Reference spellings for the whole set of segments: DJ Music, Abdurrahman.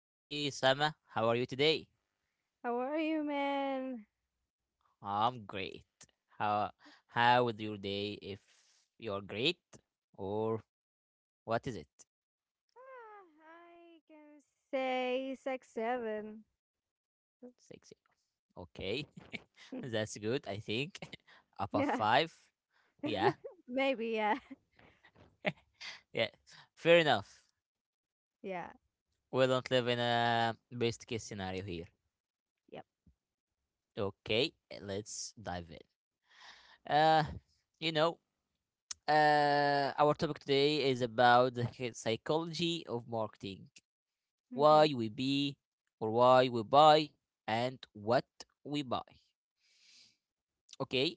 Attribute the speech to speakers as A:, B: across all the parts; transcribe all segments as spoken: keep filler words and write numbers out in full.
A: Hey, Sama, how are you today?
B: How are you, man?
A: I'm great. How how was your day if you're great? Or what is it?
B: Ah, I can say six seven.
A: Six. Okay, that's good, I think. Up of
B: yeah,
A: five. Yeah,
B: maybe. Yeah,
A: yeah, fair enough.
B: yeah,
A: We don't live in a best case scenario here.
B: yep.
A: Okay, let's dive in. Uh, you know, Uh, our topic today is about the hy- psychology of marketing,
B: hmm
A: why we be or why we buy, and what we buy. Okay.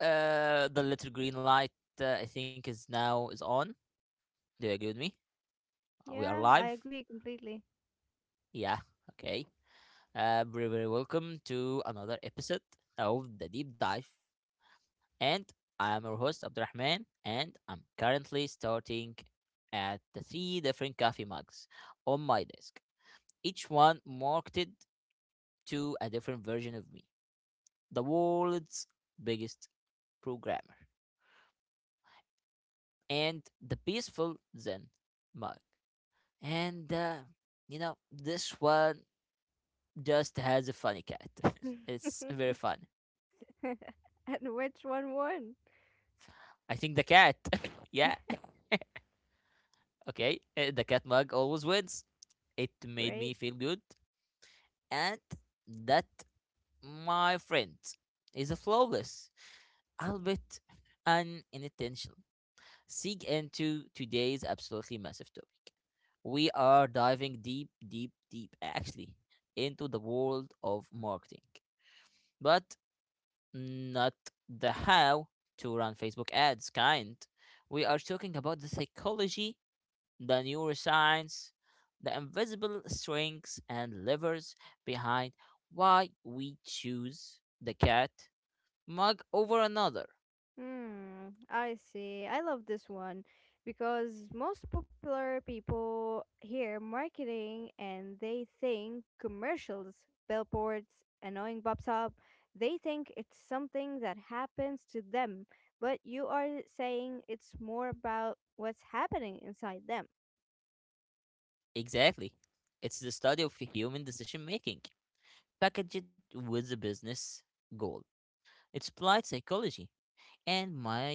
A: Uh, the little green light uh, I think is now is on. Do you agree with me? We are
B: Yeah, I
A: live.
B: agree completely.
A: Yeah. Okay. Uh, very very welcome to another episode of the deep dive, and I am your host Abdurrahman, and I'm currently starting at the three different coffee mugs on my desk. Each one marketed to a different version of me, the world's biggest programmer, and the peaceful Zen mug. And uh, you know, this one just has a funny cat. It's very fun.
B: And which one won?
A: I think the cat. Yeah, okay, uh, the cat mug always wins. It made
B: Great.
A: me feel good, and that, my friend, is a flawless, albeit unintentional seek into today's absolutely massive topic. We are diving deep, deep, deep, actually, into the world of marketing, but not the how to run Facebook ads kind. We are talking about the psychology, the neuroscience, the invisible strengths and levers behind why we choose the cat mug over another.
B: Hmm, I see. I love this one because most popular people hear marketing and they think commercials, billboards, annoying pops up. They think it's something that happens to them, but you are saying it's more about what's happening inside them.
A: Exactly. It's the study of human decision making. Package it with a business goal. It's applied psychology. And my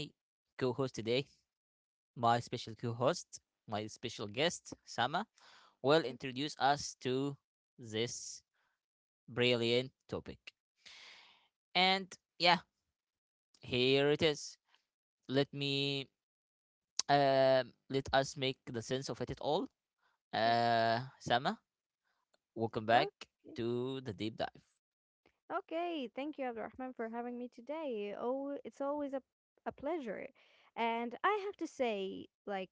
A: co host today, my special co host, my special guest, Sama, will introduce us to this brilliant topic. And yeah, here it is. Let me, um, Let us make the sense of it at all.
B: Yeah.
A: Uh, Sama, welcome back
B: Okay.
A: to the deep dive.
B: Okay. Thank you, Abdurrahman, for having me today. Oh, it's always a a pleasure. And I have to say, like,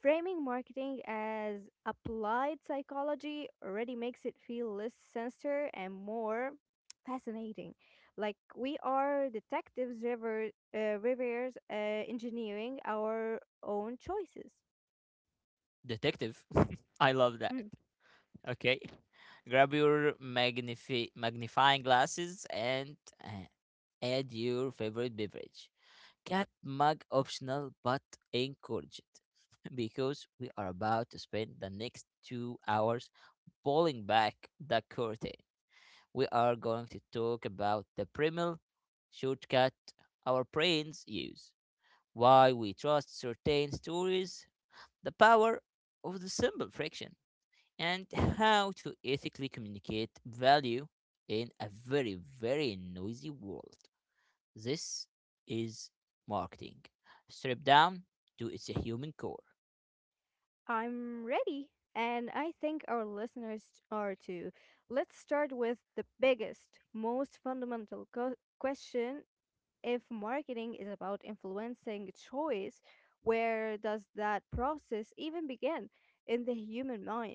B: framing marketing as applied psychology already makes it feel less sinister and more fascinating. Like we are detectives rever- uh, reviewers uh, engineering our own choices.
A: Detective, I love that.
B: Hmm,
A: Okay. Grab your magnifi- magnifying glasses and uh, add your favorite beverage. Cat mug optional but encouraged because we are about to spend the next two hours pulling back the curtain. We are going to talk about the primal shortcut our brains use, why we trust certain stories, the power of the simple friction, and how to ethically communicate value in a very, very noisy world. This is marketing, stripped down to its human core.
B: I'm ready, and I think our listeners are too. Let's start with the biggest, most fundamental co- question: if marketing is about influencing choice, where does that process even begin in the human mind?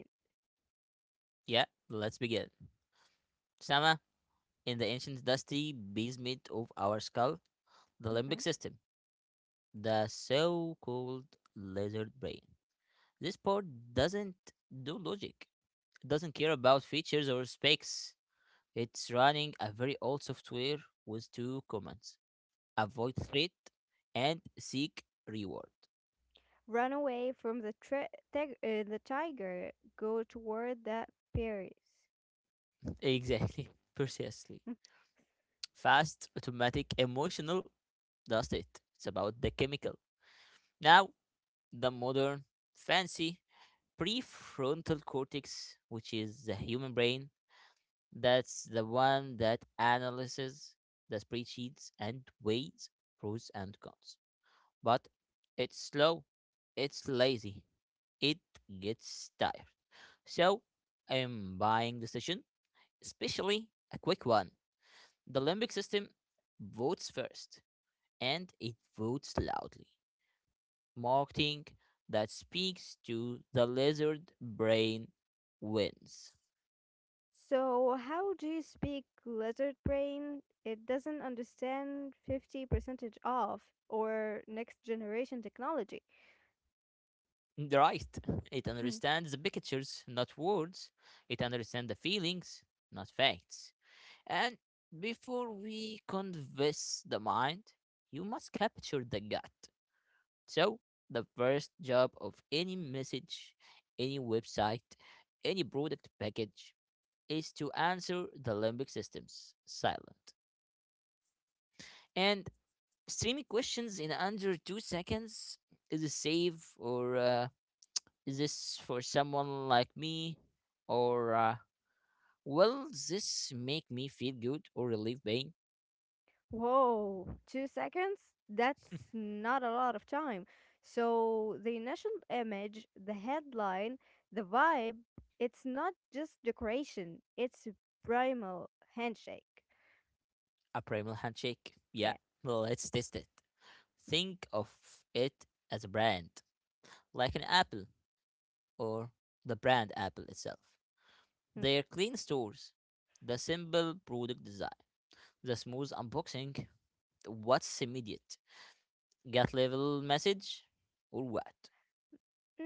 A: Yeah, let's begin. Sama, in the ancient dusty basement of our skull, the limbic
B: Mhm.
A: system, the so called lizard brain. This part doesn't do logic, it doesn't care about features or specs. It's running a very old software with two commands: avoid threat, and seek reward.
B: Run away from the, tri- tig- uh, the tiger, go toward the Paris.
A: Exactly. Precisely. Fast, automatic, emotional, that's it. It's about the chemical. Now, the modern, fancy prefrontal cortex, which is the human brain, that's the one that analyzes the spreadsheets and weighs pros and cons. But it's slow, it's lazy, it gets tired. So, I'm buying the session especially a quick one. The limbic system votes first and it votes loudly, marketing that speaks to the lizard brain wins.
B: So, how do you speak lizard brain? It doesn't understand fifty percentage off or next generation technology.
A: Right. It understands the pictures, not words. It understands the feelings, not facts. And before we convince the mind, you must capture the gut. So, the first job of any message, any website, any product package is to answer the limbic system's silent. And streaming questions in under two seconds is a save, or uh, is this for someone like me? Or uh, will this make me feel good or relieve pain?
B: Whoa, two seconds? That's not a lot of time. So, the initial image, the headline, the vibe, it's not just decoration, it's a primal handshake.
A: A primal handshake. Yeah, well, let's test it. Think of it as a brand, like an apple. Or the brand Apple itself.
B: Yeah.
A: Their clean stores, the simple product design, the smooth unboxing, what's immediate? Get level message or what?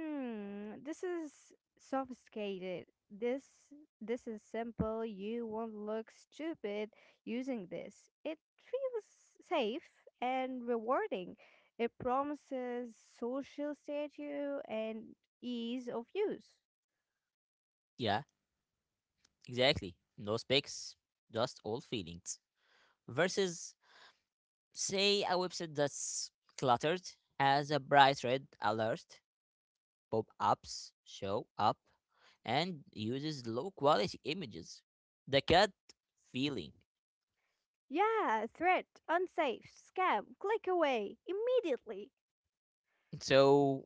B: Mm, this is sophisticated. This this is simple. You won't look stupid using this. It feels safe and rewarding. It promises social status and ease of use.
A: Yeah, exactly. No specs, just all feelings. Versus, say, a website that's cluttered, has a bright red alert, pop ups show up, and uses low quality images. The cat feeling.
B: Yeah, threat, unsafe, scam, click away immediately.
A: So,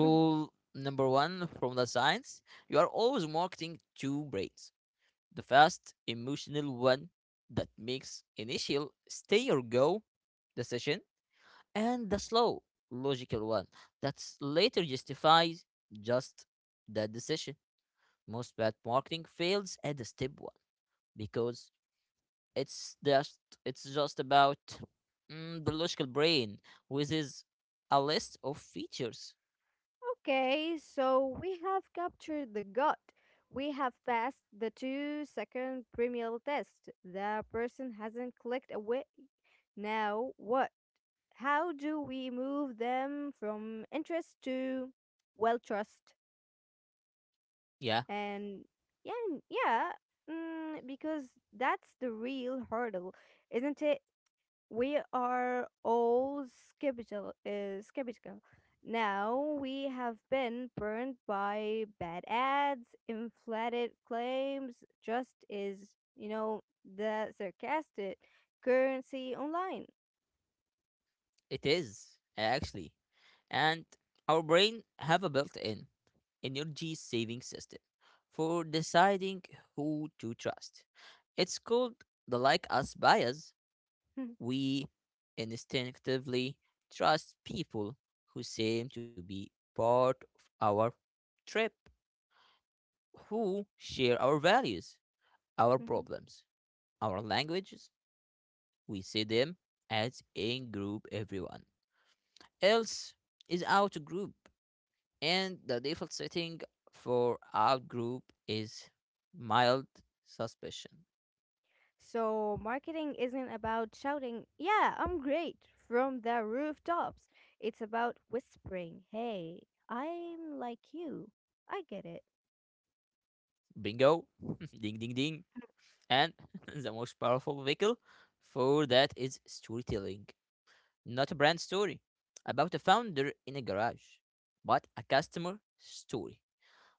A: number one from the science: you are always marketing two brains. The fast, emotional one that makes initial stay or go decision, and the slow, logical one that later justifies just that decision. Most bad marketing fails at the step one because it's just it's just about mm, the logical brain with his a list of features.
B: Okay, so we have captured the gut. We have passed the two second premial test. The person hasn't clicked away. Now, what? How do we move them from interest to, well, trust?
A: Yeah,
B: And yeah, and- yeah, mm, because that's the real hurdle, isn't it? We are all skeptical, uh, skeptical. Now we have been burned by bad ads, inflated claims, just is, you know, the sarcastic currency online.
A: it is actually, and our brain have a built-in energy saving system for deciding who to trust. It's called the like us bias. We instinctively trust people who seem to be part of our trip, who share our values, our problems, our languages. We see them as in group, everyone else is out of group, and the default setting for alt group is mild suspicion.
B: So marketing isn't about shouting, "Yeah, I'm great" from the rooftops. It's about whispering, "Hey, I'm like you. I get it."
A: Bingo, ding ding ding. And the most powerful vehicle for that is storytelling. Not a brand story about a founder in a garage, but a customer story.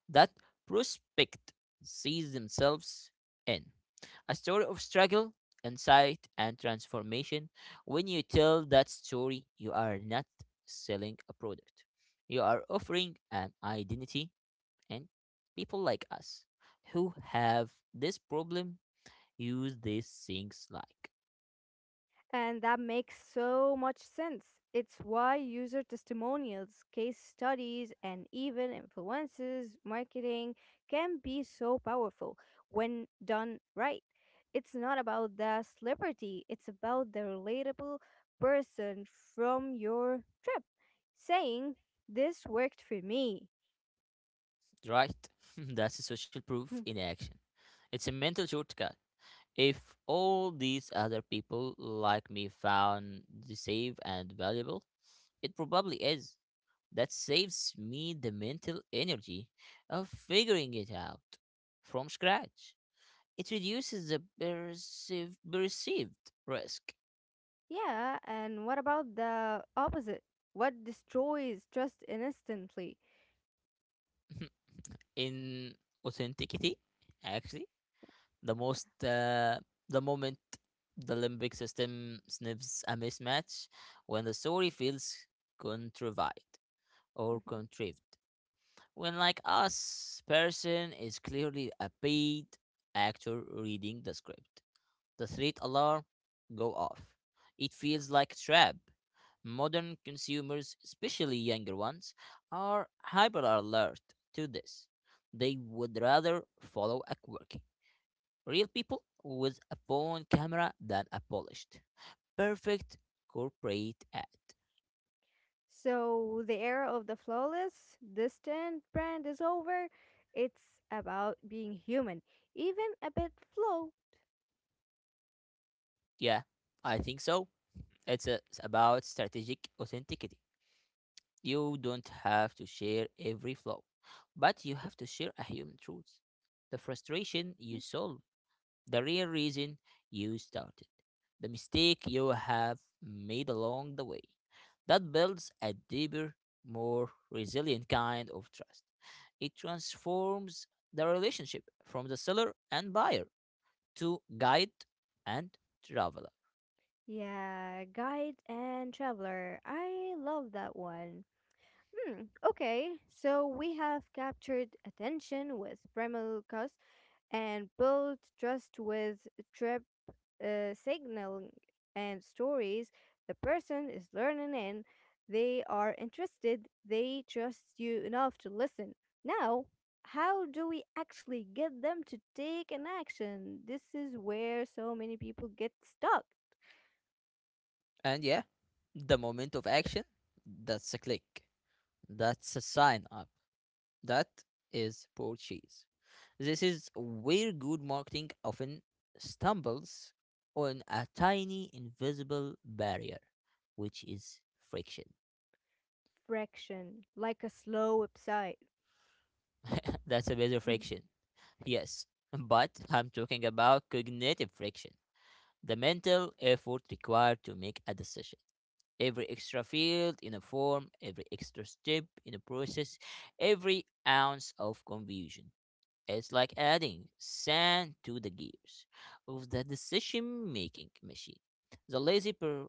A: That prospect sees themselves in. A story of struggle, insight, and transformation. When you tell that story, you are not selling a product, you are offering an identity, and people like us who have this problem use these things like.
B: And that makes so much sense. It's why user testimonials, case studies, and even influences marketing can be so powerful when done right. It's not about the celebrity, it's about the relatable person from your trip saying, "This worked for me."
A: Right? That's a social proof
B: Hmm.
A: in action. It's a mental shortcut. If all these other people like me found the save and valuable, it probably is. That saves me the mental energy of figuring it out from scratch. It reduces the perceive, perceived risk.
B: Yeah, and what about the opposite? What destroys trust instantly? Yeah.
A: In authenticity. Actually, the most uh, the moment the limbic system sniffs a mismatch when the story feels contrived or
B: Mhm.
A: contrived. When, like us, person is clearly a paid actor reading the script. The threat alarm go off. It feels like a trap. Modern consumers, especially younger ones, are hyper alert to this. They would rather follow a quirky, real people with a phone camera than a polished, perfect corporate ad.
B: So, the era of the flawless, distant brand is over. It's about being human, even a bit flow.
A: Yeah, I think so. It's, a, it's about strategic authenticity. You don't have to share every flaw, but you have to share a human truth. The frustration you solve, the real reason you started, the mistake you have made along the way. That builds a deeper, more resilient kind of trust. It transforms the relationship from the seller and buyer to guide and traveler.
B: Yeah, guide and traveler. I love that one. Hmm. Okay, so we have captured attention with Bremelkos and built trust with uh, signaling and stories the person is learning in. They are interested, they trust you enough to listen. Now, how do we actually get them to take an action? This is where so many people get stuck.
A: And yeah, the moment of action, that's a click, that's a sign up. That is purchase. This is where good marketing often stumbles on a tiny invisible barrier, which is friction.
B: Fraction, like a slow website.
A: That's a bit of friction. Yes, but I'm talking about cognitive friction, the mental effort required to make a decision. Every extra field in a form, every extra step in a process, every ounce of confusion. It's like adding sand to the gears of the decision making machine. The lazy per-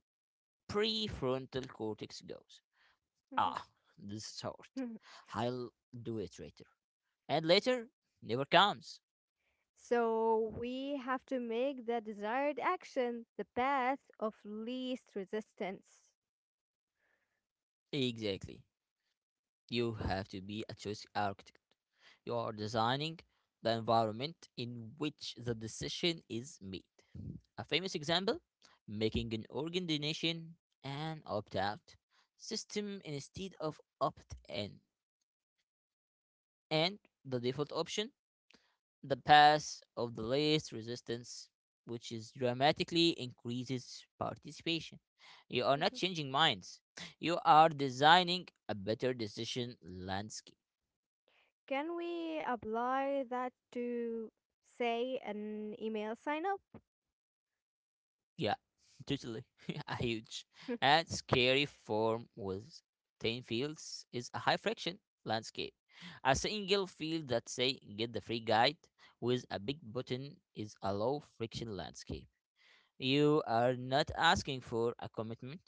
A: prefrontal cortex goes,
B: Mhm.
A: ah, this is hard. I'll do it later. And later never comes.
B: So we have to make the desired action the path of least resistance.
A: Exactly. You have to be a choice architect. You are designing the environment in which the decision is made. A famous example: making an organ donation an opt out system instead of opt in. And the default option, the pass of the least resistance, which is dramatically increases participation. You are not
B: Mhm.
A: changing minds, you are designing a better decision landscape.
B: Can we apply that to, say, an email sign up?
A: Yeah, totally. A huge and scary form with ten fields is a high friction landscape. A single field that say get the free guide with a big button is a low friction landscape. You are not asking for a commitment,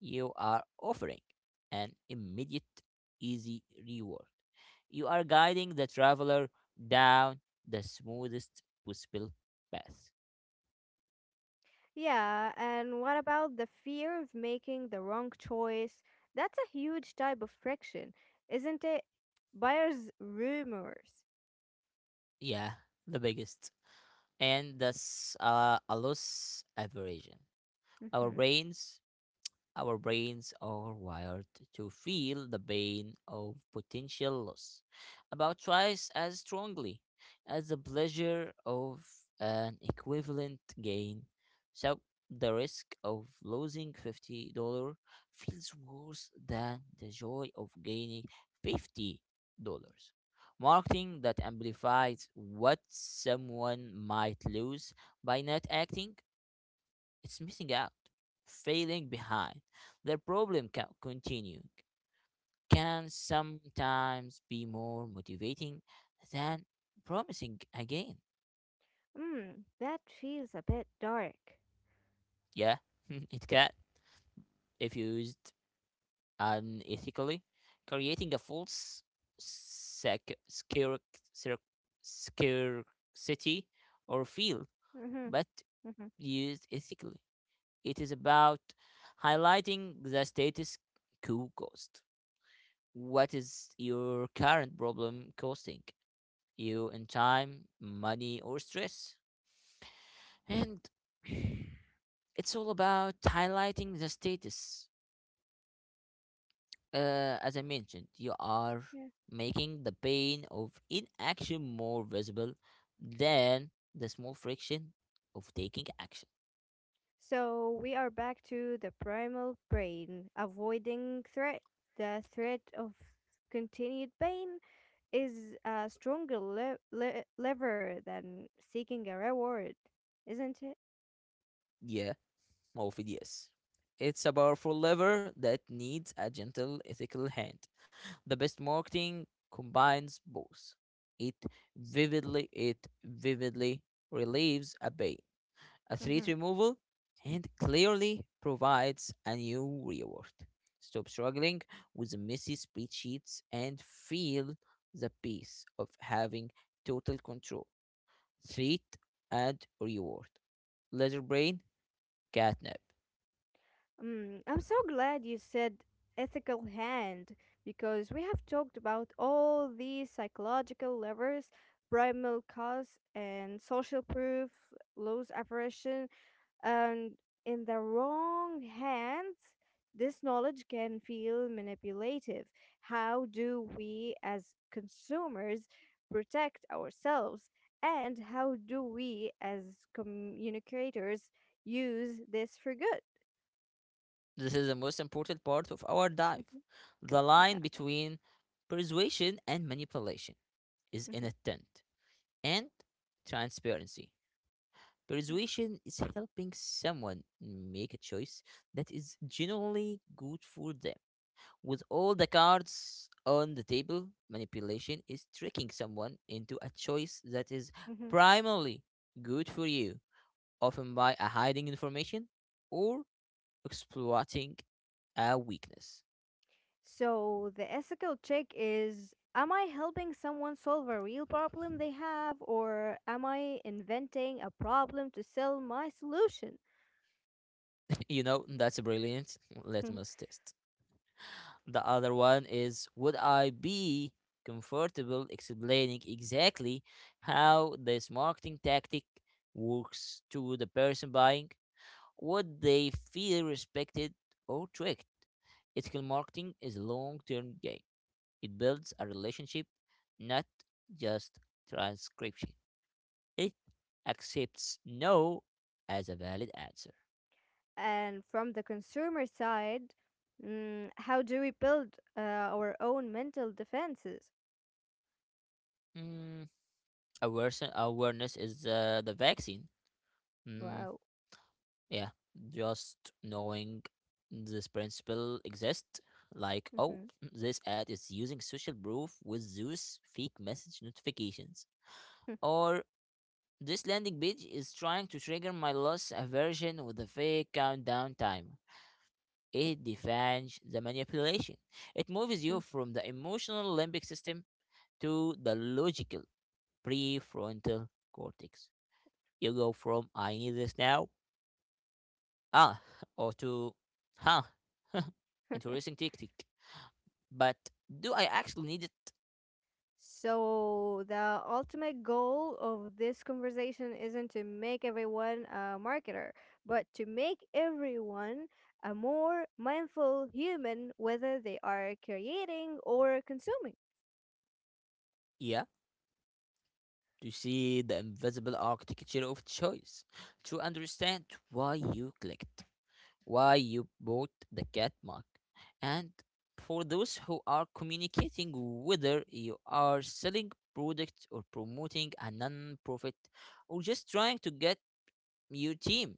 A: you are offering an immediate easy reward. You are guiding the traveler down the smoothest possible path.
B: Yeah, and what about the fear of making the wrong choice? That's a huge type of friction, isn't it? Buyer's rumors.
A: Yeah, the biggest. And the s- uh, allos aversion. Our
B: Mm-hmm.
A: brains our brains are wired to feel the pain of potential loss about twice as strongly as the pleasure of an equivalent gain. So the risk of losing fifty dollars feels worse than the joy of gaining fifty dollars. Marketing that amplifies what someone might lose by not acting it's missing out, failing behind. Their problem ca- continuing can sometimes be more motivating than promising again.
B: Mm, that feels a bit dark.
A: Yeah, it can if used unethically, creating a false sec- scare, scare, scarcity or feel,
B: Mm-hmm,
A: but
B: mm-hmm.
A: used ethically. It is about highlighting the status quo cost: what is your current problem costing you in time, money, or stress? And it's all about highlighting the status. Uh, as I mentioned, you are
B: Yeah.
A: making the pain of inaction more visible than the small friction of taking action.
B: So we are back to the primal brain, avoiding threat. The threat of continued pain is a stronger le- le- lever than seeking a reward, isn't it?
A: Yeah, Morphidius. It's a powerful lever that needs a gentle ethical hand. The best marketing combines both. It vividly it vividly relieves a pain, a
B: Mm-hmm.
A: threat removal, and clearly provides a new reward. Stop struggling with messy spreadsheets and feel the peace of having total control. Threat and reward. Leisure brain catnap.
B: Mm, I'm so glad you said ethical hand, because we have talked about all these psychological levers, primal cause and social proof, loss aversion, and in the wrong hands, this knowledge can feel manipulative. How do we, as consumers, protect ourselves? And how do we, as communicators, use this for good?
A: This is the most important part of our dive.
B: Mhm.
A: The
B: Yeah.
A: line between persuasion and manipulation. Is in
B: Mhm,
A: a tent, and transparency.
B: yeah.
A: Persuasion is helping someone make a choice that is genuinely good for them. With all the cards on the table, manipulation is tricking someone into a choice that is
B: Hmm.
A: primarily good for you, often by uh, hiding information or exploiting a weakness.
B: So the ethical check is: am I helping someone solve a real problem they have, or am I inventing a problem to sell my solution?
A: You know, that's brilliant. Let us test. The other one is would I be comfortable explaining exactly how this marketing tactic works to the person buying? Would they feel respected or tricked? Ethical marketing is a long term game. It builds a relationship, not just transcription. It accepts no as a valid answer.
B: And from the consumer side, mm, how do we build uh, our own mental defenses?
A: Mm, awareness, awareness is uh, the vaccine. Mm.
B: Wow.
A: Yeah, just knowing this principle exists, like, oh,
B: Mhm.
A: this ad is using social proof with Zeus fake message notifications. Or this landing page is trying to trigger my loss aversion with a fake countdown timer. It defines the manipulation. It moves you from the emotional limbic system to the logical prefrontal cortex. You go from I need this now, ah, or to huh, interesting tactic. But do I actually need it?
B: So, the ultimate goal of this conversation isn't to make everyone a marketer, but to make everyone a more mindful human, whether they are creating or consuming.
A: Yeah, to see the invisible architecture of choice, to understand why you clicked, why you bought the cat mug, and for those who are communicating whether you are selling product or promoting a non-profit or just trying to get your team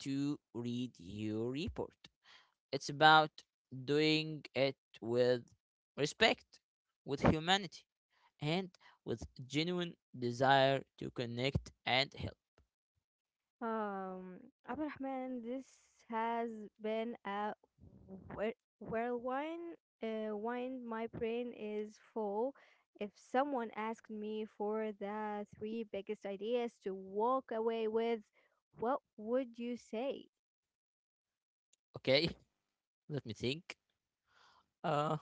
A: to read your report, it's about doing it with respect, with humanity, and with genuine desire to connect and help.
B: Um, Abdurrahman, this has been a whir- whirlwind. Uh, wind. My brain is full. If someone asked me for the three biggest ideas to walk away with, what would you say?
A: Okay, let me think. Uh,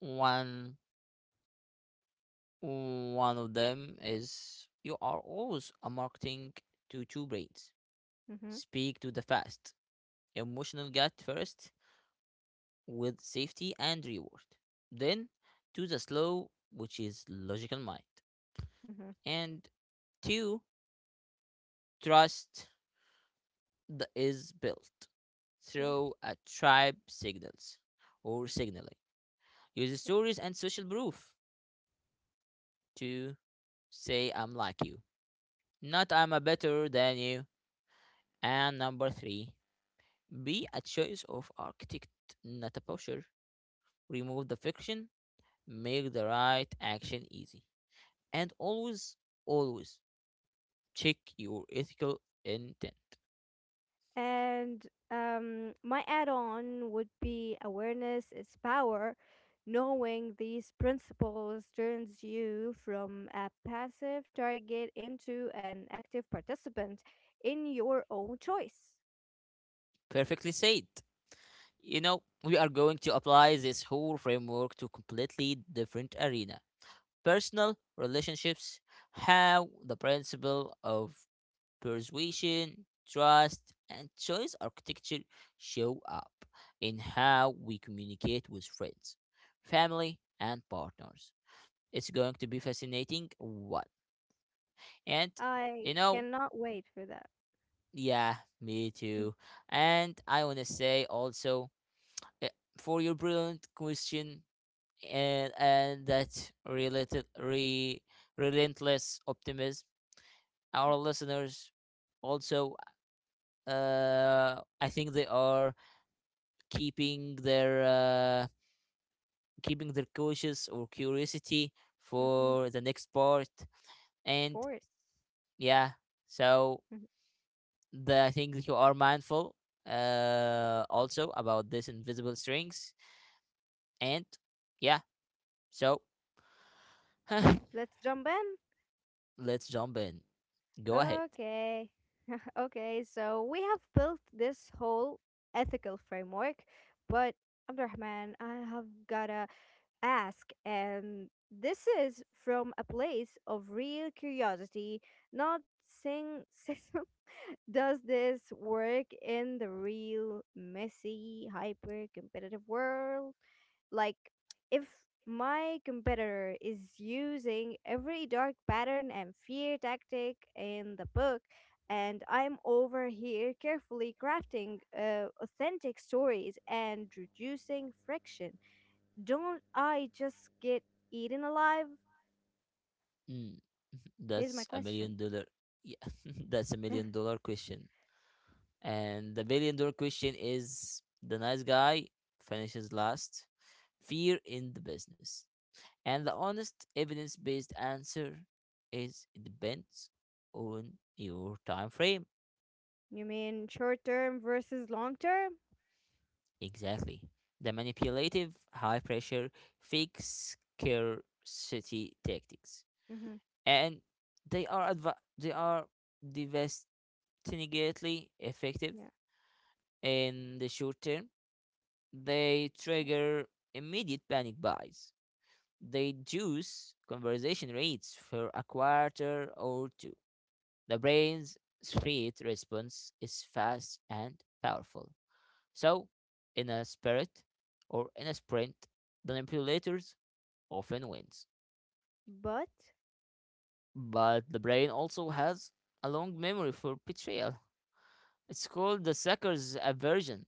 A: one one of them is you are always a marketing to two brains.
B: Mm-hmm.
A: Speak to the fast, emotional gut first, with safety and reward. Then to the slow, which is logical mind.
B: Mm-hmm.
A: And two, trust the is built
B: Yeah.
A: through a tribe signals or signaling. Use stories and social proof to say I'm like you, not I'm a better than you. And number three, be a choice of architect, not a pusher. Remove the fiction, make the right action easy. And always, always check your ethical intent.
B: And um, my add on would be: awareness is power. Knowing these principles turns you from a passive target into an active participant in your own choice.
A: Perfectly said. You know, we are going to apply this whole framework to completely different arena. Personal relationships, how the principle of persuasion, trust, and choice architecture show up in how we communicate with friends, family, and partners. It's going to be fascinating what? And you
B: I
A: know,
B: cannot wait for that.
A: yeah, me
B: Mm,
A: too. And I want to say also, uh, for your brilliant question and and that related re, relentless optimism
B: yeah.
A: our listeners also, uh I think they are keeping their uh keeping their cautious or curiosity
B: Mm-hmm.
A: for the next part. And
B: Course.
A: yeah, so,
B: Mhm.
A: the, I think that you are mindful, uh also about this invisible strings, and yeah, so
B: Let's jump in.
A: let's jump in, go ahead.
B: Okay. Okay, so we have built this whole ethical framework, but Abdurrahman, I have gotta ask, and this is from a place of real curiosity, not saying system. Does this work in the real messy, hyper competitive world? Like, if my competitor is using every dark pattern and fear tactic in the book, and I'm over here carefully crafting uh, authentic stories and reducing friction, don't I just get eaten alive?
A: Mm.
B: Here's my
A: That's a
B: question.
A: million dollar. Yeah, that's a million dollar question. And the billion dollar question is the nice guy finishes last, fear in the business. And the honest evidence based answer is it depends on your time frame.
B: You mean short term versus long term?
A: Exactly. The manipulative, high pressure, fake scarcity tactics.
B: Hmm.
A: And they are adv they are devastatingly effective
B: Yeah.
A: in the short term, they
B: Yeah.
A: trigger immediate panic buys. They juice conversation rates for a quarter or two. The brain's threat response is fast and powerful. So, in a spirit or in a sprint, the manipulators often wins.
B: But.
A: But the brain also has a long memory for betrayal. It's called the sucker's aversion.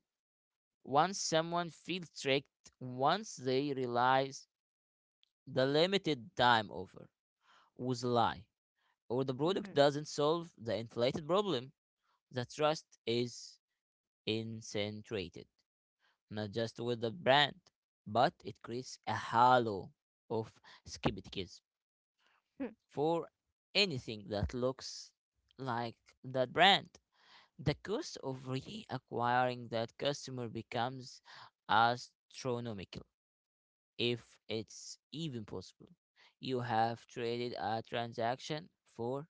A: Once someone feels tricked, once they realize the limited time offer was a lie, or the product
B: Mm-hmm.
A: doesn't solve the inflated problem. The trust is incentrated, not just with the brand, but it creates a halo of skepticism
B: Hmm.
A: for anything that looks like that brand. The cost of reacquiring that customer becomes astronomical, if it's even possible. You have traded a transaction for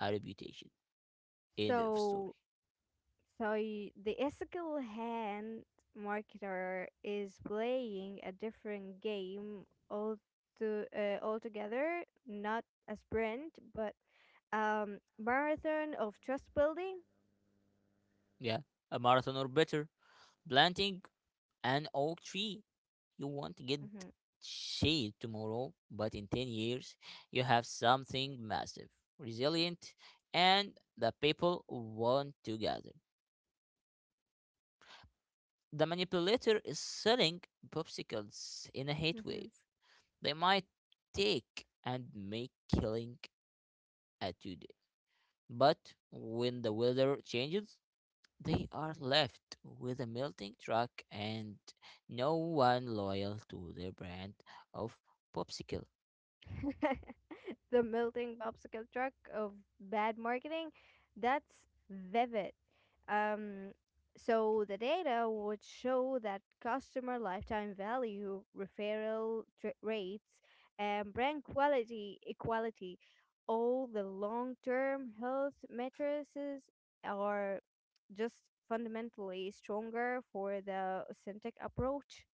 A: a reputation. End of story.
B: So So y- the ethical hand marketer is playing a different game all to, uh, altogether, not a sprint, but um, marathon of trust building.
A: Yeah, a marathon, or better, planting an oak tree. You want to get
B: Mm-hmm.
A: shade tomorrow, but in ten years, you have something massive, resilient, and the people want to gather. The manipulator is selling popsicles in a heat
B: Mm-hmm.
A: wave. They might take and make killing attitude. But when the weather changes, they are left with a melting truck and no one loyal to their brand of popsicle.
B: The melting popsicle truck of bad marketing, that's vivid. Um, so the data would show that customer lifetime value, referral tr- rates, and brand quality, equality, all the long-term health metrics are just fundamentally stronger for the authentic approach.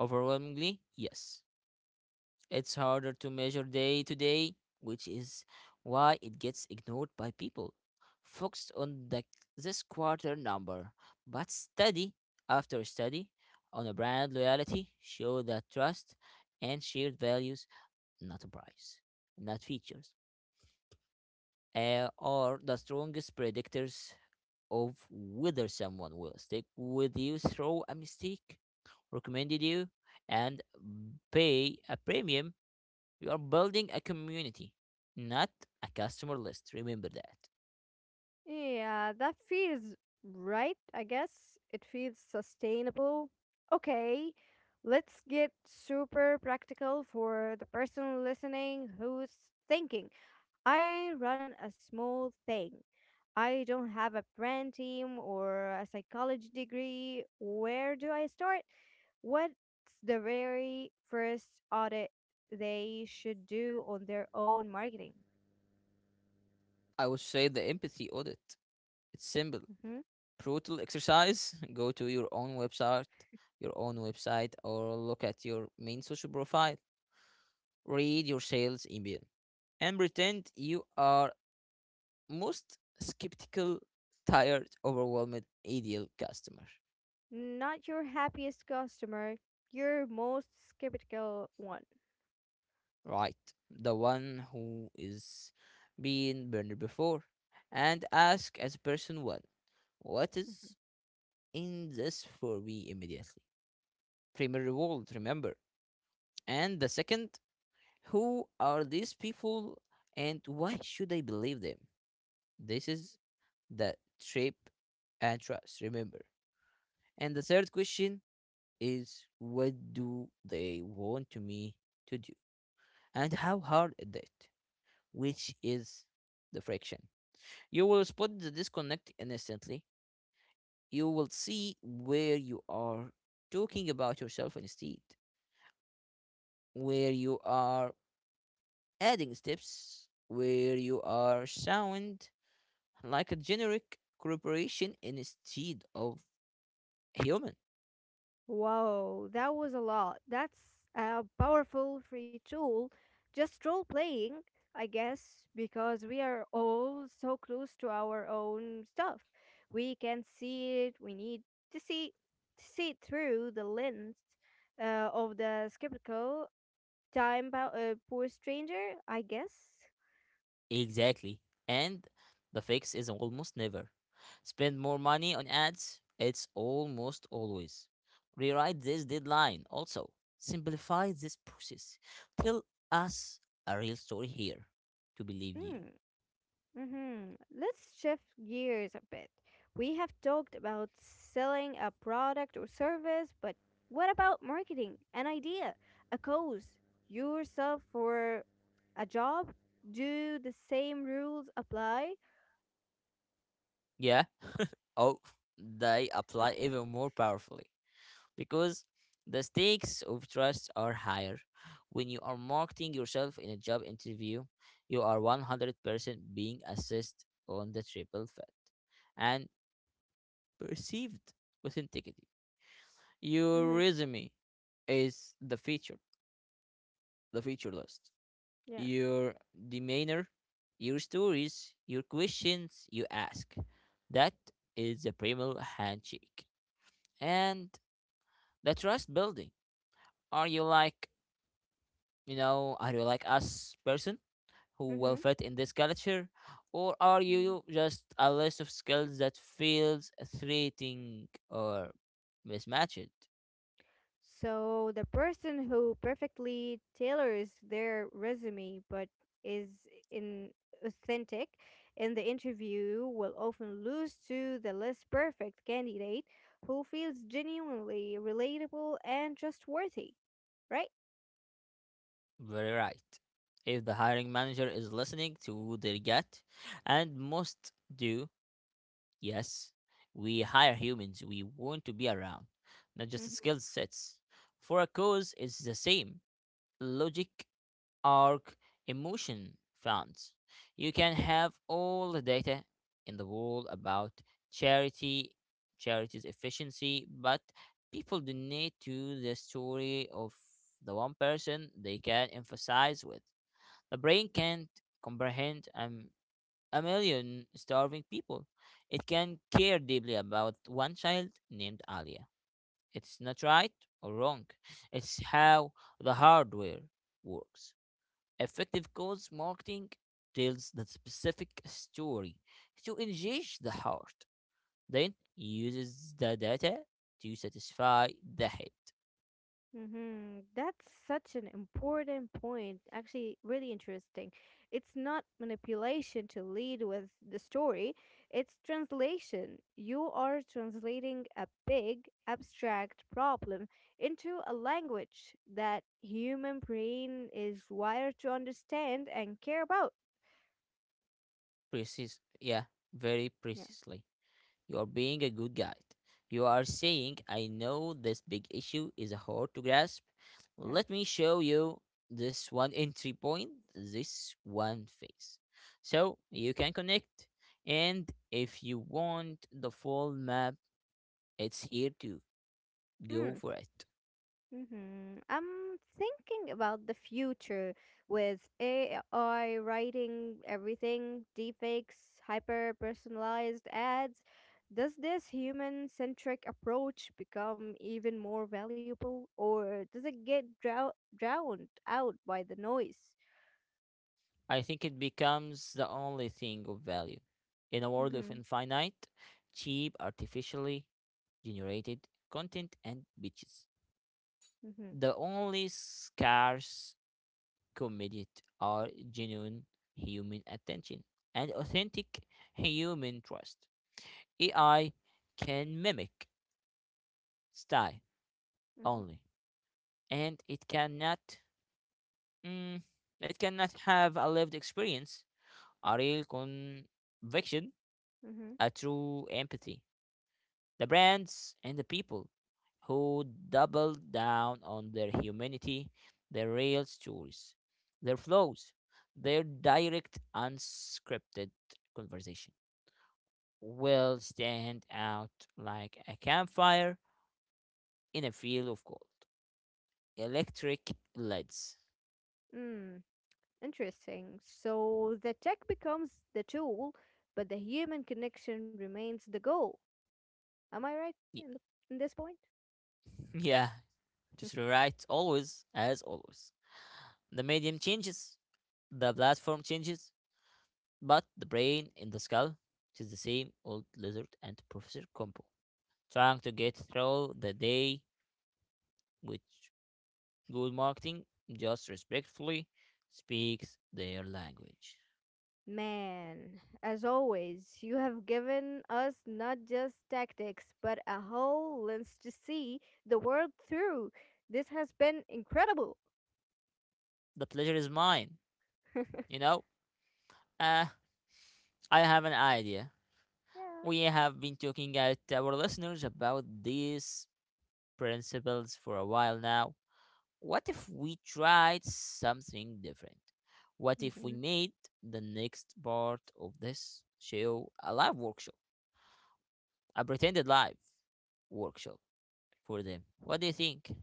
A: Overwhelmingly, yes. It's harder to measure day to day, which is why it gets ignored by people. Focused on the, this quarter number, but study after study on a brand loyalty show that trust and shared values, not a price, not features, uh, are the strongest predictors of whether someone will stick with you through a mistake, recommended you, and pay a premium. You are building a community, not a customer list. Remember that.
B: Yeah, that feels right, I guess. It feels sustainable. Okay, let's get super practical for the person listening who's thinking, "I run a small thing. I don't have a brand team or a psychology degree. Where do I start?" What's the very first audit they should do on their own marketing?
A: I would say the empathy audit. It's simple,
B: Mm-hmm.
A: brutal exercise. Go to your own website, your own website, or look at your main social profile. Read your sales email and pretend you are most skeptical, tired, overwhelmed ideal customer,
B: Not your happiest customer, your most skeptical one.
A: right? The one who is been burned before. And ask as person one, what
B: Mhm.
A: is in this for me immediately? Premier reward, remember. And the second, who are these people and why should I believe them? This is the trip and trust, remember. And the third question is what do they want me to do and how hard is it, which is the friction. You will spot the disconnect instantly. You will see where you are talking about yourself instead, where you are adding steps, where you are sound like a generic corporation instead of human.
B: Wow, that was a lot. That's a powerful free tool. Just role playing, I guess, because we are all so close to our own stuff. We can see it. We need to see to see it through the lens uh, of the skeptical time about a poor stranger, I guess.
A: Exactly. And the fix is almost never spend more money on ads, it's almost always rewrite this deadline also. Simplify this process. Tell us a real story here to believe you.
B: Hmm. Mm-hmm. Let's shift gears a bit. We have talked about selling a product or service, but what about marketing an idea, a cause, yourself for a job? Do the same rules apply?
A: Yeah. Oh, they apply even more powerfully, because the stakes of trust are higher. When you are marketing yourself in a job interview, you are one hundred percent being assessed on the triple threat and perceived authenticity. Your
B: Mm-hmm.
A: resume is the feature, the feature list.
B: Yeah.
A: Your demeanor, your stories, your questions you ask. That is the primal handshake. And the trust building. Are you like You know, are you like us person who
B: Mm-hmm.
A: will fit in this culture, or are
B: Yeah.
A: you just a list of skills that feels threatening or mismatched?
B: So the person who perfectly tailors their resume but is in authentic in the interview will often lose to the less perfect candidate who feels genuinely relatable and trustworthy, right?
A: Very right. If the hiring manager is listening to their gut, and most do, yes, we hire humans we want to be around, not just
B: Mm-hmm.
A: skill sets. For a cause, it's the same logic arc emotion funds. You can have all the data in the world about charity, charity's efficiency, but people donate to the story of the one person they can emphasize with. The brain can't comprehend um, a million starving people. It can care deeply about one child named Alia. It's not right or wrong. It's how the hardware works. Effective cause marketing tells the specific story to engage the heart, then uses the data to satisfy the head.
B: Mm-hmm. That's such an important point. Actually, really interesting. It's not manipulation to lead with the story, it's translation. You are translating a big, abstract problem into a language that human brain is wired to understand and care about.
A: Precis, yeah, very
B: Yeah,
A: precisely. You are being a good guide. You are saying, I know this big issue is hard to grasp.
B: yeah.
A: Let me show you this one entry point, this one face, so you can connect. And if you want the full map, it's here to
B: Hmm.
A: go for it.
B: Mm-hmm. I'm thinking about the future with A I writing everything, deepfakes, hyper personalized ads. Does this human centric approach become even more valuable, or does it get drow- drowned out by the noise?
A: I think it becomes the only thing of value. In a world of
B: Mm-hmm.
A: infinite, cheap, artificially generated content and bitches,
B: Mm-hmm.
A: the only scarce commodity are genuine human attention and authentic human trust. A I can mimic style
B: Mm-hmm.
A: only, and it cannot. Mm, it cannot have a lived experience, a real conviction,
B: Mm-hmm.
A: a true empathy. The brands and the people who doubled down on their humanity, their real stories, their flows, their direct, unscripted conversation will stand out like a campfire in a field of gold. Electric lights.
B: Mm. Interesting. So the tech becomes the tool, but the human connection remains the goal. Am I right in,
A: Y-
B: the, in this point?
A: Yeah, just rewrite always, as always. The medium changes, the platform changes, but the brain in the skull is the same old lizard and Professor Compo, trying to get through the day with good marketing, just respectfully speaks their language.
B: Man, as always, you have given us not just tactics, but a whole lens to see the world through. This has been incredible.
A: The pleasure is mine,
B: Yeah.
A: you know? Uh, I have an idea. We have been talking at our listeners about these principles for a while now. What if we tried something different? What if we
B: Mhm.
A: made the next part of this show a live workshop? A pretended live workshop for them. What do you think?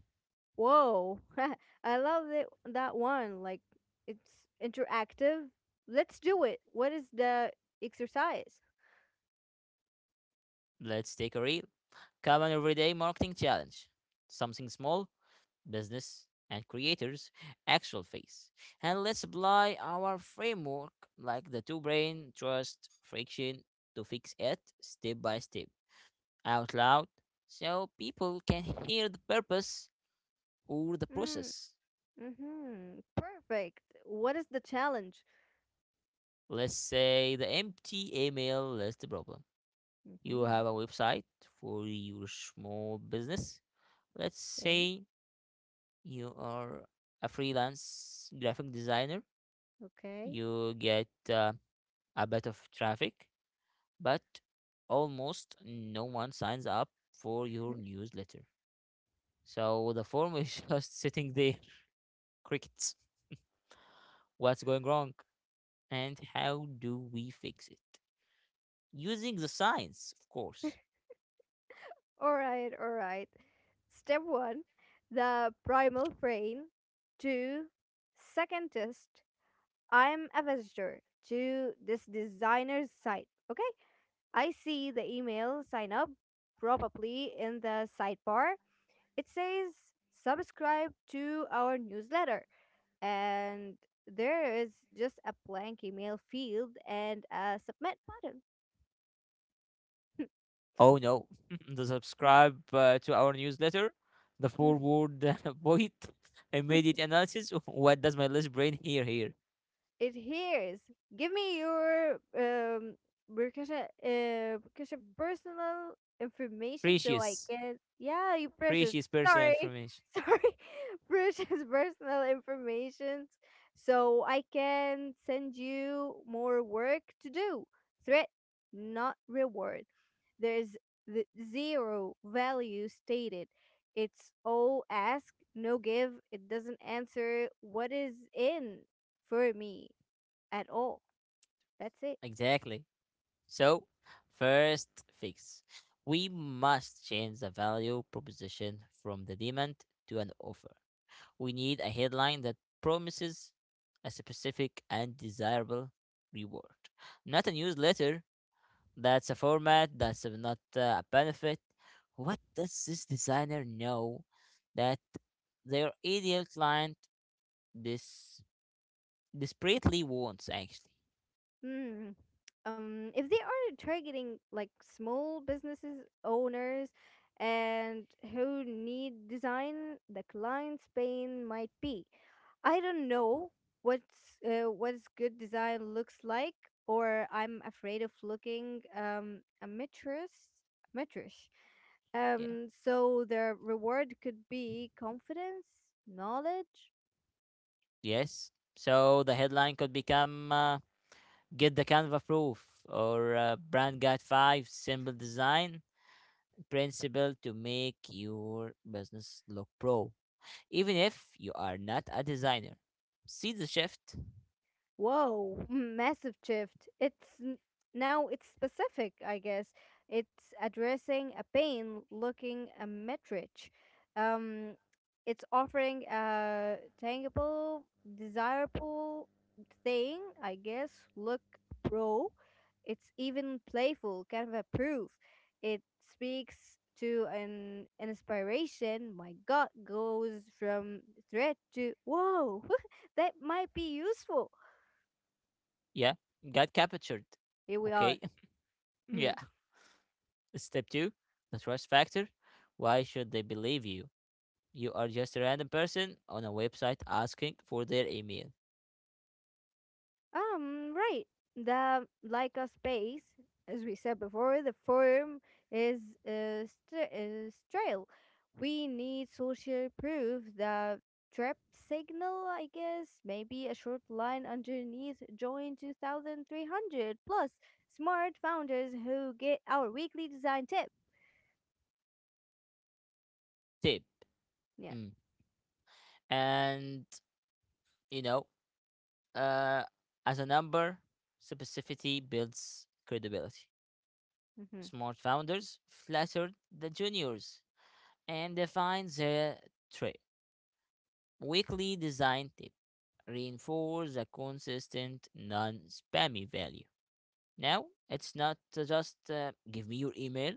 B: Whoa. I love that, that one. Like, it's interactive. Let's do it. What is the exercise?
A: Let's take a real common everyday marketing challenge. Something small, business and creators actual face. And let's apply our framework like the two brain trust friction to fix it step by step, out loud so people can hear the purpose or the
B: Mm,
A: process.
B: mm-hmm. Perfect. What is the challenge?
A: Let's say the empty email is the problem. You
B: Mm-hmm.
A: have a website for your small business. Let's
B: Okay.
A: say you are a freelance graphic designer.
B: Okay.
A: You get uh, a bit of traffic, but almost no one signs up for your newsletter. So the form is just sitting there. Crickets. What's going wrong? And how do we fix it? Using the science, of course.
B: Alright, alright. Step one, the primal brain. Two, second test. I'm a visitor to this designer's site. Okay, I see the email sign up probably in the sidebar. It says subscribe to our newsletter, and there is just a blank email field and a submit button.
A: Oh no, the subscribe uh, to our newsletter, the forward uh, point, immediate analysis. What does my list brain hear here?
B: Adheres. Give me your um Burkasha uh Burkasha personal information so I
A: Precious,
B: can yeah, you precious.
A: precious personal
B: Sorry.
A: information.
B: Sorry. Precious personal information so I can send you more work to do. Threat not reward. There's the zero value stated. It's all ask, no give. It doesn't answer what is in for me at all. That's it.
A: Exactly. So, first fix. We must change the value proposition from the demand to an offer. We need a headline that promises a specific and desirable reward, not a newsletter. That's a format, that's not uh, a benefit. What does this designer know that their ideal client this desperately wants, actually?
B: Mm. Um, if they are targeting like small businesses owners and who need design, the client's pain might be, I don't know, what's uh, what's good design looks like, or I'm afraid of looking um a mistress.
A: Yeah.
B: Um, so the reward could be confidence, knowledge.
A: Yes. So the headline could become. Uh, Get the Canva Proof or uh, Brand Guide five Simple Design Principle to make your business look pro, even if you are not a designer. See the shift?
B: Whoa, mm, massive shift. It's n- now it's specific, I guess. It's addressing a pain looking a metric. Um it's offering a tangible, desirable thing, I guess. Look pro. It's even playful, kind of a proof. It speaks to an, an inspiration. My gut goes from threat to whoa, that might be useful.
A: Yeah, got captured.
B: Here we are.
A: Okay,
B: Hmm.
A: yeah. Step two. The trust factor. Why should they believe you? You are just a random person on a website asking for their email.
B: Um, right. The like a space, as we said before, the forum is uh, st- is trail. We need social proof. The trap signal, I guess, maybe a short line underneath. Join two thousand three hundred plus smart founders who get our weekly design tip.
A: Tip.
B: Yeah.
A: Mm. And, you know, Uh, as a number, specificity builds credibility.
B: Mm-hmm.
A: Smart founders flattered the juniors and defined their trail. Weekly design tip reinforce a consistent, non spammy value. Now, it's not uh, just uh, give me your email.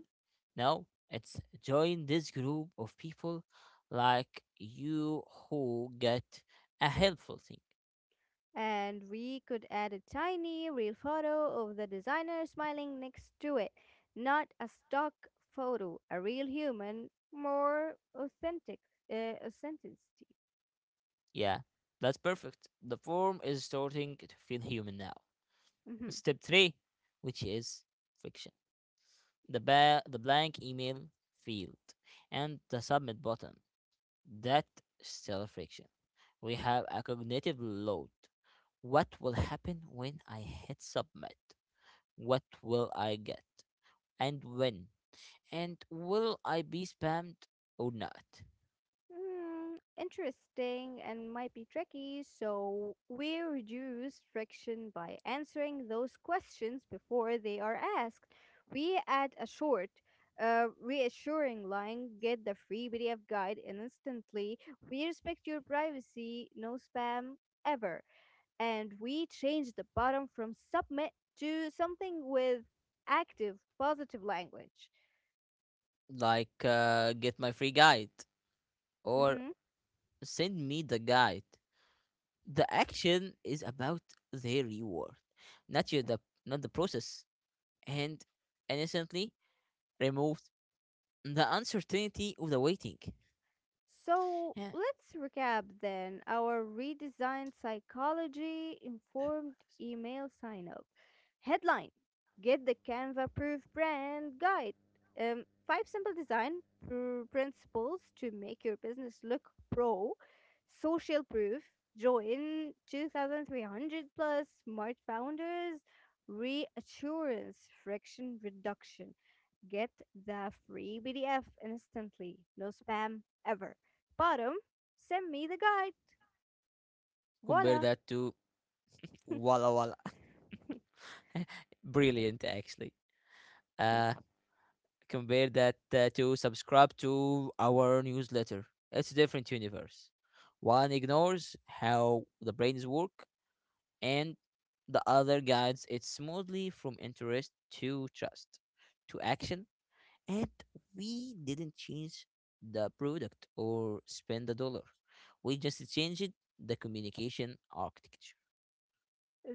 A: No, it's join this group of people like you who get a helpful thing.
B: And we could add a tiny real photo of the designer smiling next to it. Not a stock photo, a real human, more authentic, uh, authenticity.
A: Yeah, that's perfect. The form is starting to feel human now.
B: Mhm.
A: Step three, which is fiction. The ba- the blank email field and the submit button. That still friction. We have a cognitive load. What will happen when I hit submit? What will I get? And when? And will I be spammed or not?
B: Mm, interesting and might be tricky, so we reduce friction by answering those questions before they are asked. We add a short, uh, reassuring line get the free P D F guide instantly. We respect your privacy, no spam ever. And we change the bottom from submit to something with active, positive language.
A: Like uh, get my free guide or
B: Mm-hmm.
A: send me the guide. The action is about their reward, not your the not the process, and innocently removed the uncertainty of the waiting.
B: So
A: Yeah.
B: let's recap then our redesigned psychology informed email sign up. Headline Get the Canva Proof Brand Guide. Um, five simple design pr- principles to make your business look pro. Social proof. Join two thousand three hundred plus smart founders. Reassurance, friction reduction. Get the free P D F instantly. No spam ever. Bottom, send me the guide.
A: Compare
B: Voila.
A: that to Walla Walla. Brilliant, actually. Uh, Compare that uh, to subscribe to our newsletter. It's a different universe. One ignores how the brains work, and the other guides it smoothly from interest to trust to action. And we didn't change the product or spend a dollar. We just changed the communication architecture.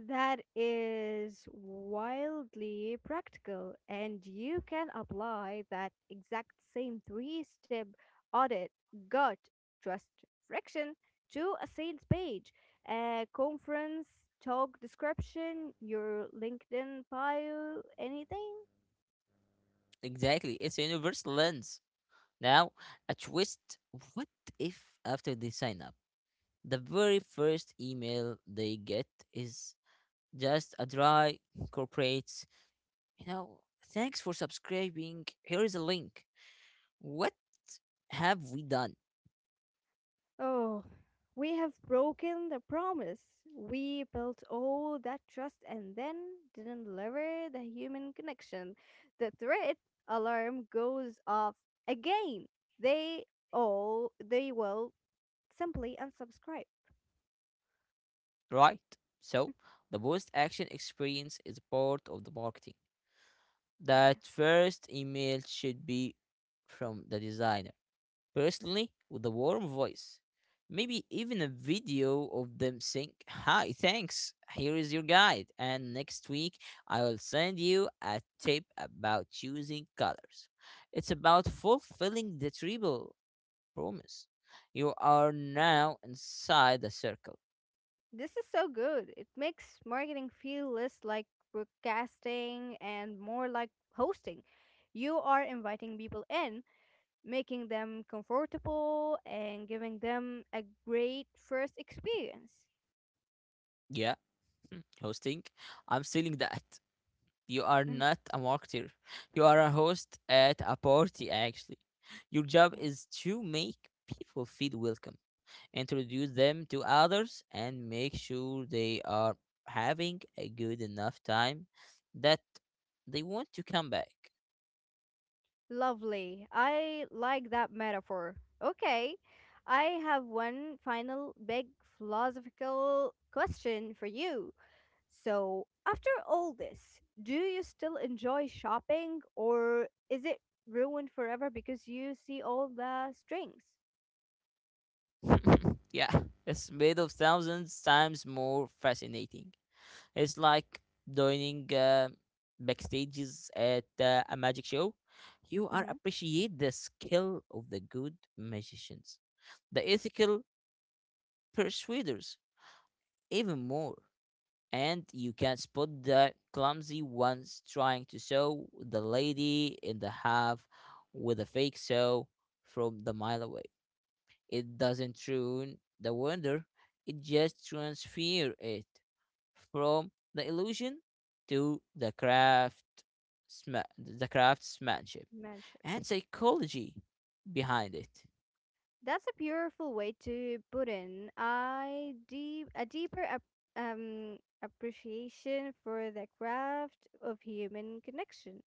B: That is wildly practical, and you can apply that exact same three step audit, gut, trust, friction to a sales page, a conference, talk description, your LinkedIn bio, anything.
A: Exactly. It's a universal lens. Now, a twist. What if after they sign up, the very first email they get is just a dry corporate, you know, thanks for subscribing. Here is a link. What have we done?
B: Oh, we have broken the promise. We built all that trust and then didn't deliver the human connection. The threat alarm goes off again. They all they will simply unsubscribe.
A: Right? So, the post action experience is part of the marketing.
B: Yeah.
A: That first email should be from the designer, personally, with a warm voice. Maybe even a video of them saying, "Hi, thanks, here is your guide, and next week I will send you a tip about choosing colors." It's about fulfilling the triple promise. You are now inside the circle.
B: This is so good. It makes marketing feel less like broadcasting and more like hosting. You are inviting people in, making them comfortable and giving them a great first experience.
A: Yeah, hosting, I'm stealing that. You are
B: Mhm.
A: not a marketer. You are a host at a party, actually. Your job
B: Yeah.
A: is to make people feel welcome, introduce them to others, and make sure they are having a good enough time that they want to come back.
B: Lovely. I like that metaphor. Okay. I have one final big philosophical question for you. So, after all this, do you still enjoy shopping or is it ruined forever because you see all the strings?
A: Yeah, it's made of thousands times more fascinating. It's like joining uh, backstages at uh, a magic show. You are appreciate the skill of the good magicians, the ethical persuaders even more, and you can spot the clumsy ones trying to sew the lady in the half with a fake sew from the mile away. It doesn't ruin the wonder; it just transfer it, from the illusion to the craft sma- the craftsmanship
B: Mm-hmm.
A: and psychology behind it.
B: That's a beautiful way to put in. I deep a deeper ap- um appreciation for the craft of human connection.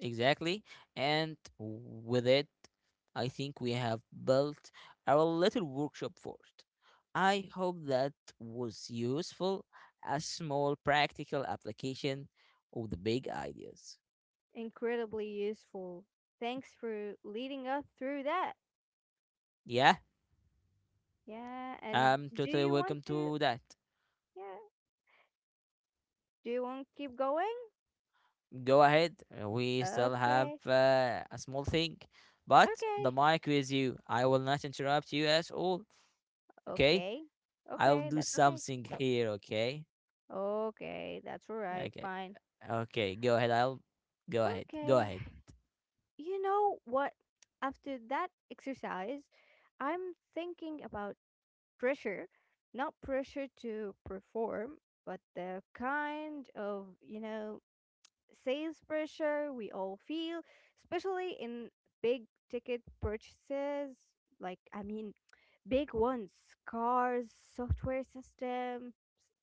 A: Exactly. And with it, I think we have built our little workshop for it. I hope that was useful, a small practical application of the big ideas.
B: Incredibly useful. Thanks for leading us through that.
A: Yeah,
B: Yeah, and
A: I'm
B: do
A: totally
B: you want
A: welcome
B: to?
A: to that.
B: Yeah, do you want to keep going?
A: Go ahead. uh, We still have
B: Okay,
A: uh, a small thing, but the
B: okay,
A: mic with you. I will not interrupt you at all. Okay.
B: okay,
A: I'll
B: okay.
A: do
B: That's okay.
A: something here. Okay.
B: Okay, that's all right.
A: Okay.
B: Fine.
A: Okay. Go ahead. I'll go ahead. Go
B: Okay.
A: ahead.
B: You know what? After that exercise, I'm thinking about pressure, not pressure to perform, but the kind of, you know, sales pressure we all feel, especially in big ticket purchases. Like, I mean, Big ones, cars, software systems,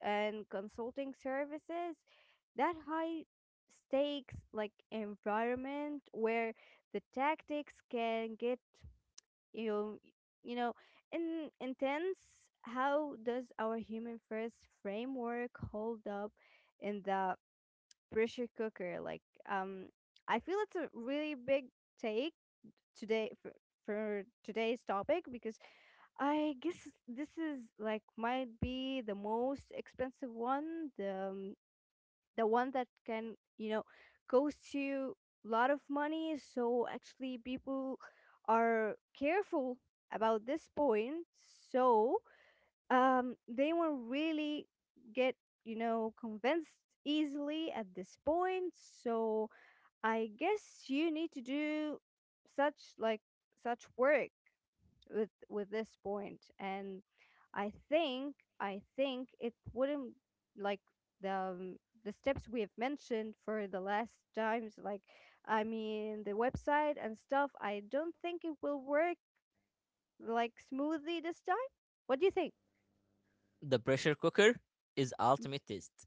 B: and consulting services. That high stakes like environment where the tactics can get you know you know in intense. How does our human first framework hold up in the pressure cooker like um I feel it's a really big take today for, for today's topic because I guess this is like might be the most expensive one, the um, the one that can, you know, cost you a lot of money. So actually people are careful about this point. So um they won't really get, you know, convinced easily at this point. So I guess you need to do such like such work with with this point. And i think i think it wouldn't like the um, the steps we have mentioned for the last times, like I mean the website and stuff. I don't think it will work like smoothly this time. What do you think?
A: The pressure cooker is
B: Mm.
A: ultimate test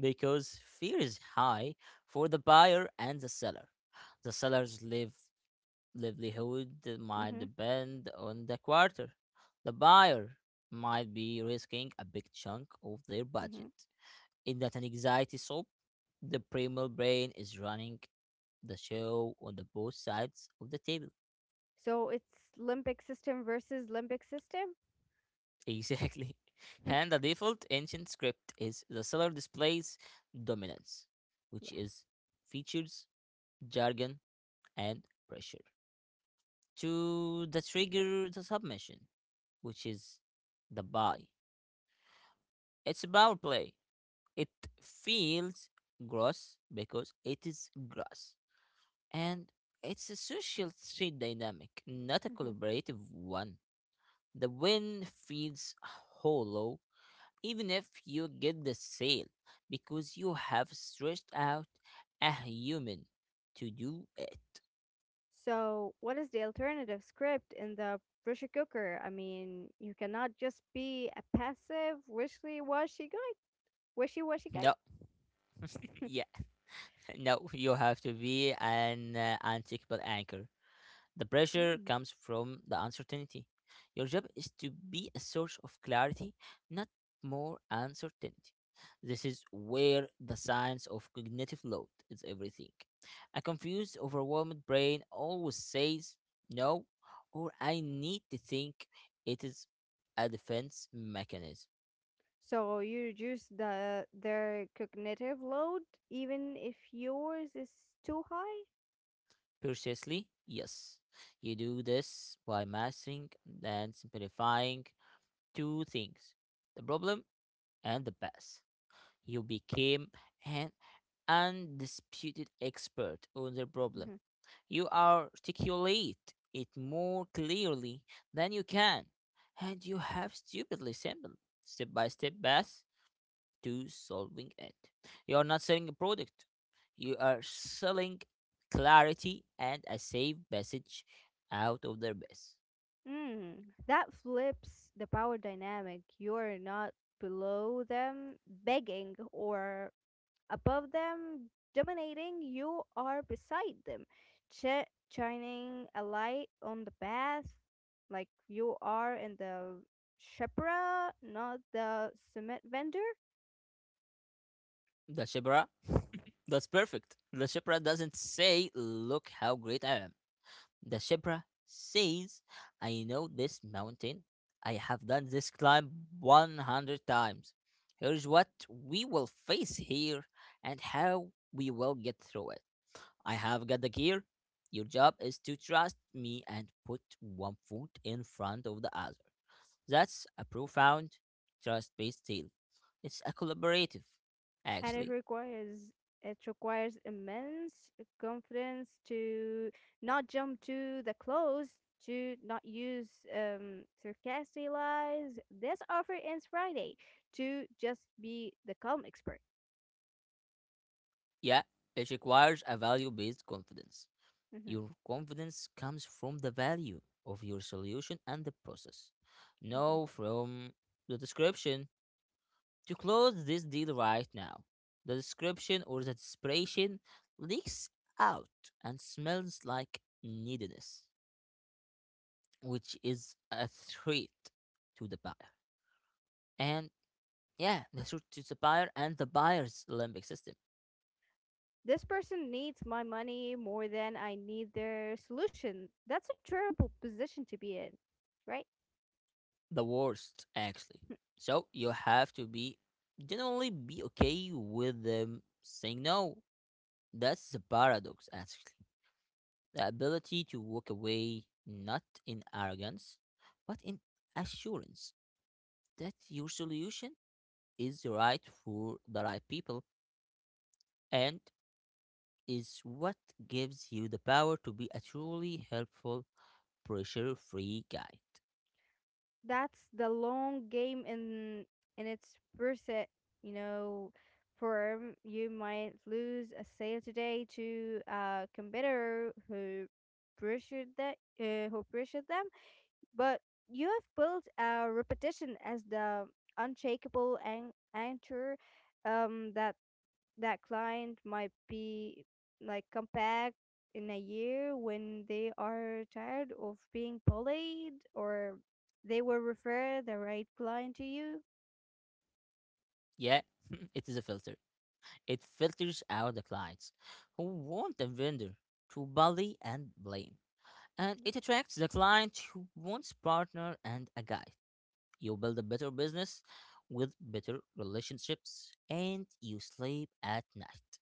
A: because fear is high for the buyer and the seller. The sellers live livelihood might
B: Mm-hmm,
A: depend on the quarter. The buyer might be risking a big chunk of their
B: mm-hmm.
A: budget. In that an anxiety soap, the primal brain is running the show on the both sides of the table.
B: So it's limbic system versus limbic system.
A: Exactly. And the default ancient script is the seller displays dominance, which
B: Yeah.
A: is features, jargon, and pressure. To the trigger the submission, which is the buy. It's a power play. It feels gross because it is gross. And it's a social street dynamic, not a
B: Hmm.
A: collaborative one. The win feels hollow even if you get the sale because you have stretched out a human to do it.
B: So, what is the alternative script in the pressure cooker? I mean, you cannot just be a passive wishy-washy guy. Wishy-washy guy.
A: No, yeah, no, you have to be an uh, uncheckable anchor. The pressure
B: Mm.
A: comes from the uncertainty. Your job is to be a source of clarity, not more uncertainty. This is where the science of cognitive load is everything. A confused, overwhelmed brain always says no, or I need to think. It is a defense mechanism.
B: So you reduce the their cognitive load even if yours is too high.
A: Precisely, yes. You do this by mastering and simplifying two things, the problem and the past. You became an undisputed expert on the problem.
B: Mhm.
A: You articulate it more clearly than you can, and you have stupidly simple step by step paths to solving it. You are not selling a product, you are selling clarity and a safe message out of their base.
B: Mm. That flips the power dynamic. You're not below them begging or above them, dominating, you are beside them, ch- shining a light on the path, like you are in the shepra, not the cement vendor,
A: The Shibra, that's perfect. The Shibra doesn't say, "Look how great I am." The zebra says, "I know this mountain. I have done this climb one hundred times. Here's what we will face here and how we will get through it. I have got the gear. Your job is to trust me and put one foot in front of the other." That's a profound trust based deal. It's a collaborative,
B: and it
A: actually.
B: requires it requires immense confidence to not jump to the close, to not use um, sarcastic lies. This offer ends Friday to just be the calm expert.
A: Yeah, it requires a value based confidence.
B: Mhm.
A: Your confidence comes from the value of your solution and the process. Know from the description to close this deal right now. The description or the desperation leaks out and smells like neediness, which is a threat to the buyer. And yeah, the threat to the buyer and the buyer's limbic system.
B: This person needs my money more than I need their solution. That's a terrible position to be in, right?
A: The worst, actually. So you have to be generally be okay with them saying no. That's the paradox, actually. The ability to walk away not in arrogance, but in assurance that your solution is right for the right people and is what gives you the power to be a truly helpful, pressure free guide.
B: That's the long game in in its percent, you know, firm. You might lose a sale today to a competitor who pressured that uh, who pressured them. But you have built a reputation as the unshakable an- anchor. Um, that that client might be like come back in a year when they are tired of being bullied, or they will refer the right client to you.
A: Yeah, it is a filter. It filters out the clients who want a vendor to bully and blame. And it attracts the client who wants partner and a guide. You build a better business with better relationships and you sleep at night.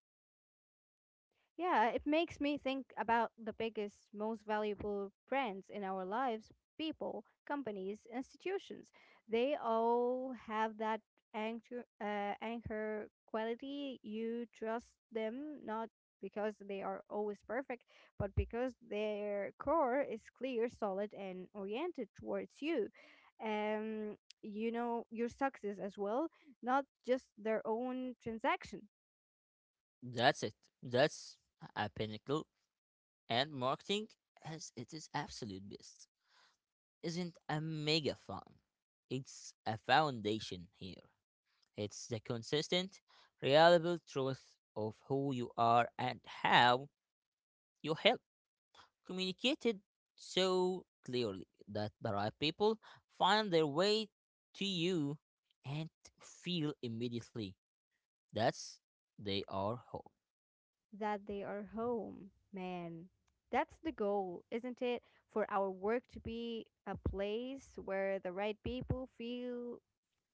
B: Yeah, it makes me think about the biggest, most valuable brands in our lives, people, companies, institutions. They all have that anchor, uh, anchor quality. You trust them not because they are always perfect, but because their core is clear, solid, and oriented towards you. Um, you know, your success as well, not just their own transaction.
A: That's it. That's a pinnacle. And marketing, as it is absolute best, isn't a mega fun. It's a foundation here. It's the consistent, reliable truth of who you are and how you help, communicated so clearly that the right people find their way to you and feel immediately that's they are home.
B: That they are home. Man, that's the goal, isn't it? For our work to be a place where the right people feel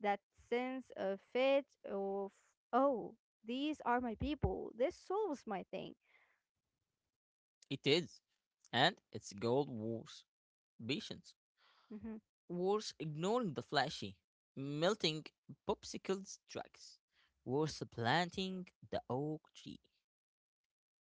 B: that sense of fit of, oh, these are my people. This solves my thing.
A: It is. And it's gold wars patience.
B: Mm-hmm.
A: Wars ignoring the flashy, melting popsicles tracks. Wars planting the oak tree.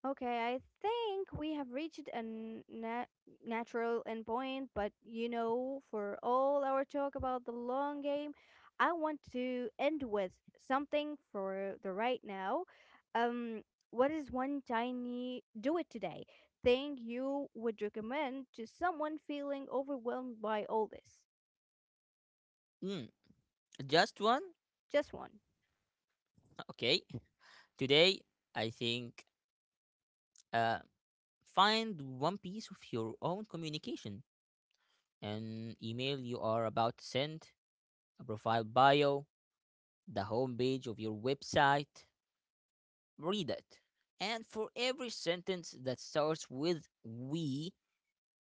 B: Okay, I think we have reached a n- na- natural endpoint, but you know, for all our talk about the long game, I want to end with something for the right now. Um, what is one tiny do it today thing you would recommend to someone feeling overwhelmed by all this?
A: Mm, just one?
B: Just one.
A: Okay. Today, I think uh, find one piece of your own communication, an email you are about to send, a profile bio, the homepage of your website. Read it. And for every sentence that starts with we,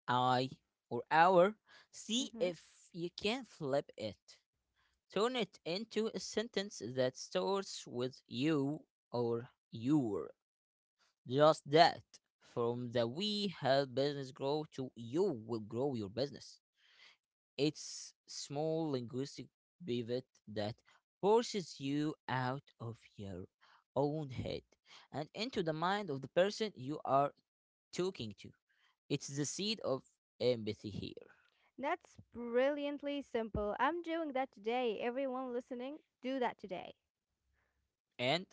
A: I, or our, see
B: Hmm.
A: if you can flip it. Turn it into a sentence that starts with you or your. Just that. From the we help business grow to you will grow your business. It's small linguistic pivot that forces you out of your own head and into the mind of the person you are talking to. It's the seed of empathy here.
B: That's brilliantly simple. I'm doing that today. Everyone listening, do that today.
A: And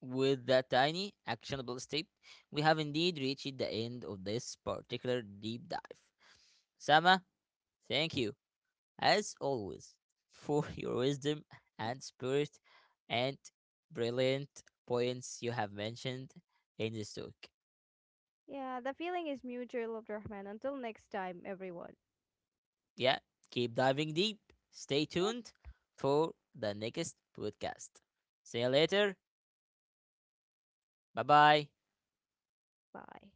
A: with that tiny actionable step, we have indeed reached the end of this particular deep dive. Sama, thank you, as always, for your wisdom and spirit and brilliant points you have mentioned in this talk.
B: Yeah, the feeling is mutual, Abdurrahman. Until next time, everyone.
A: Yeah, keep diving deep. Stay
B: Yep,
A: tuned for the next podcast. See you later. Bye bye.
B: bye.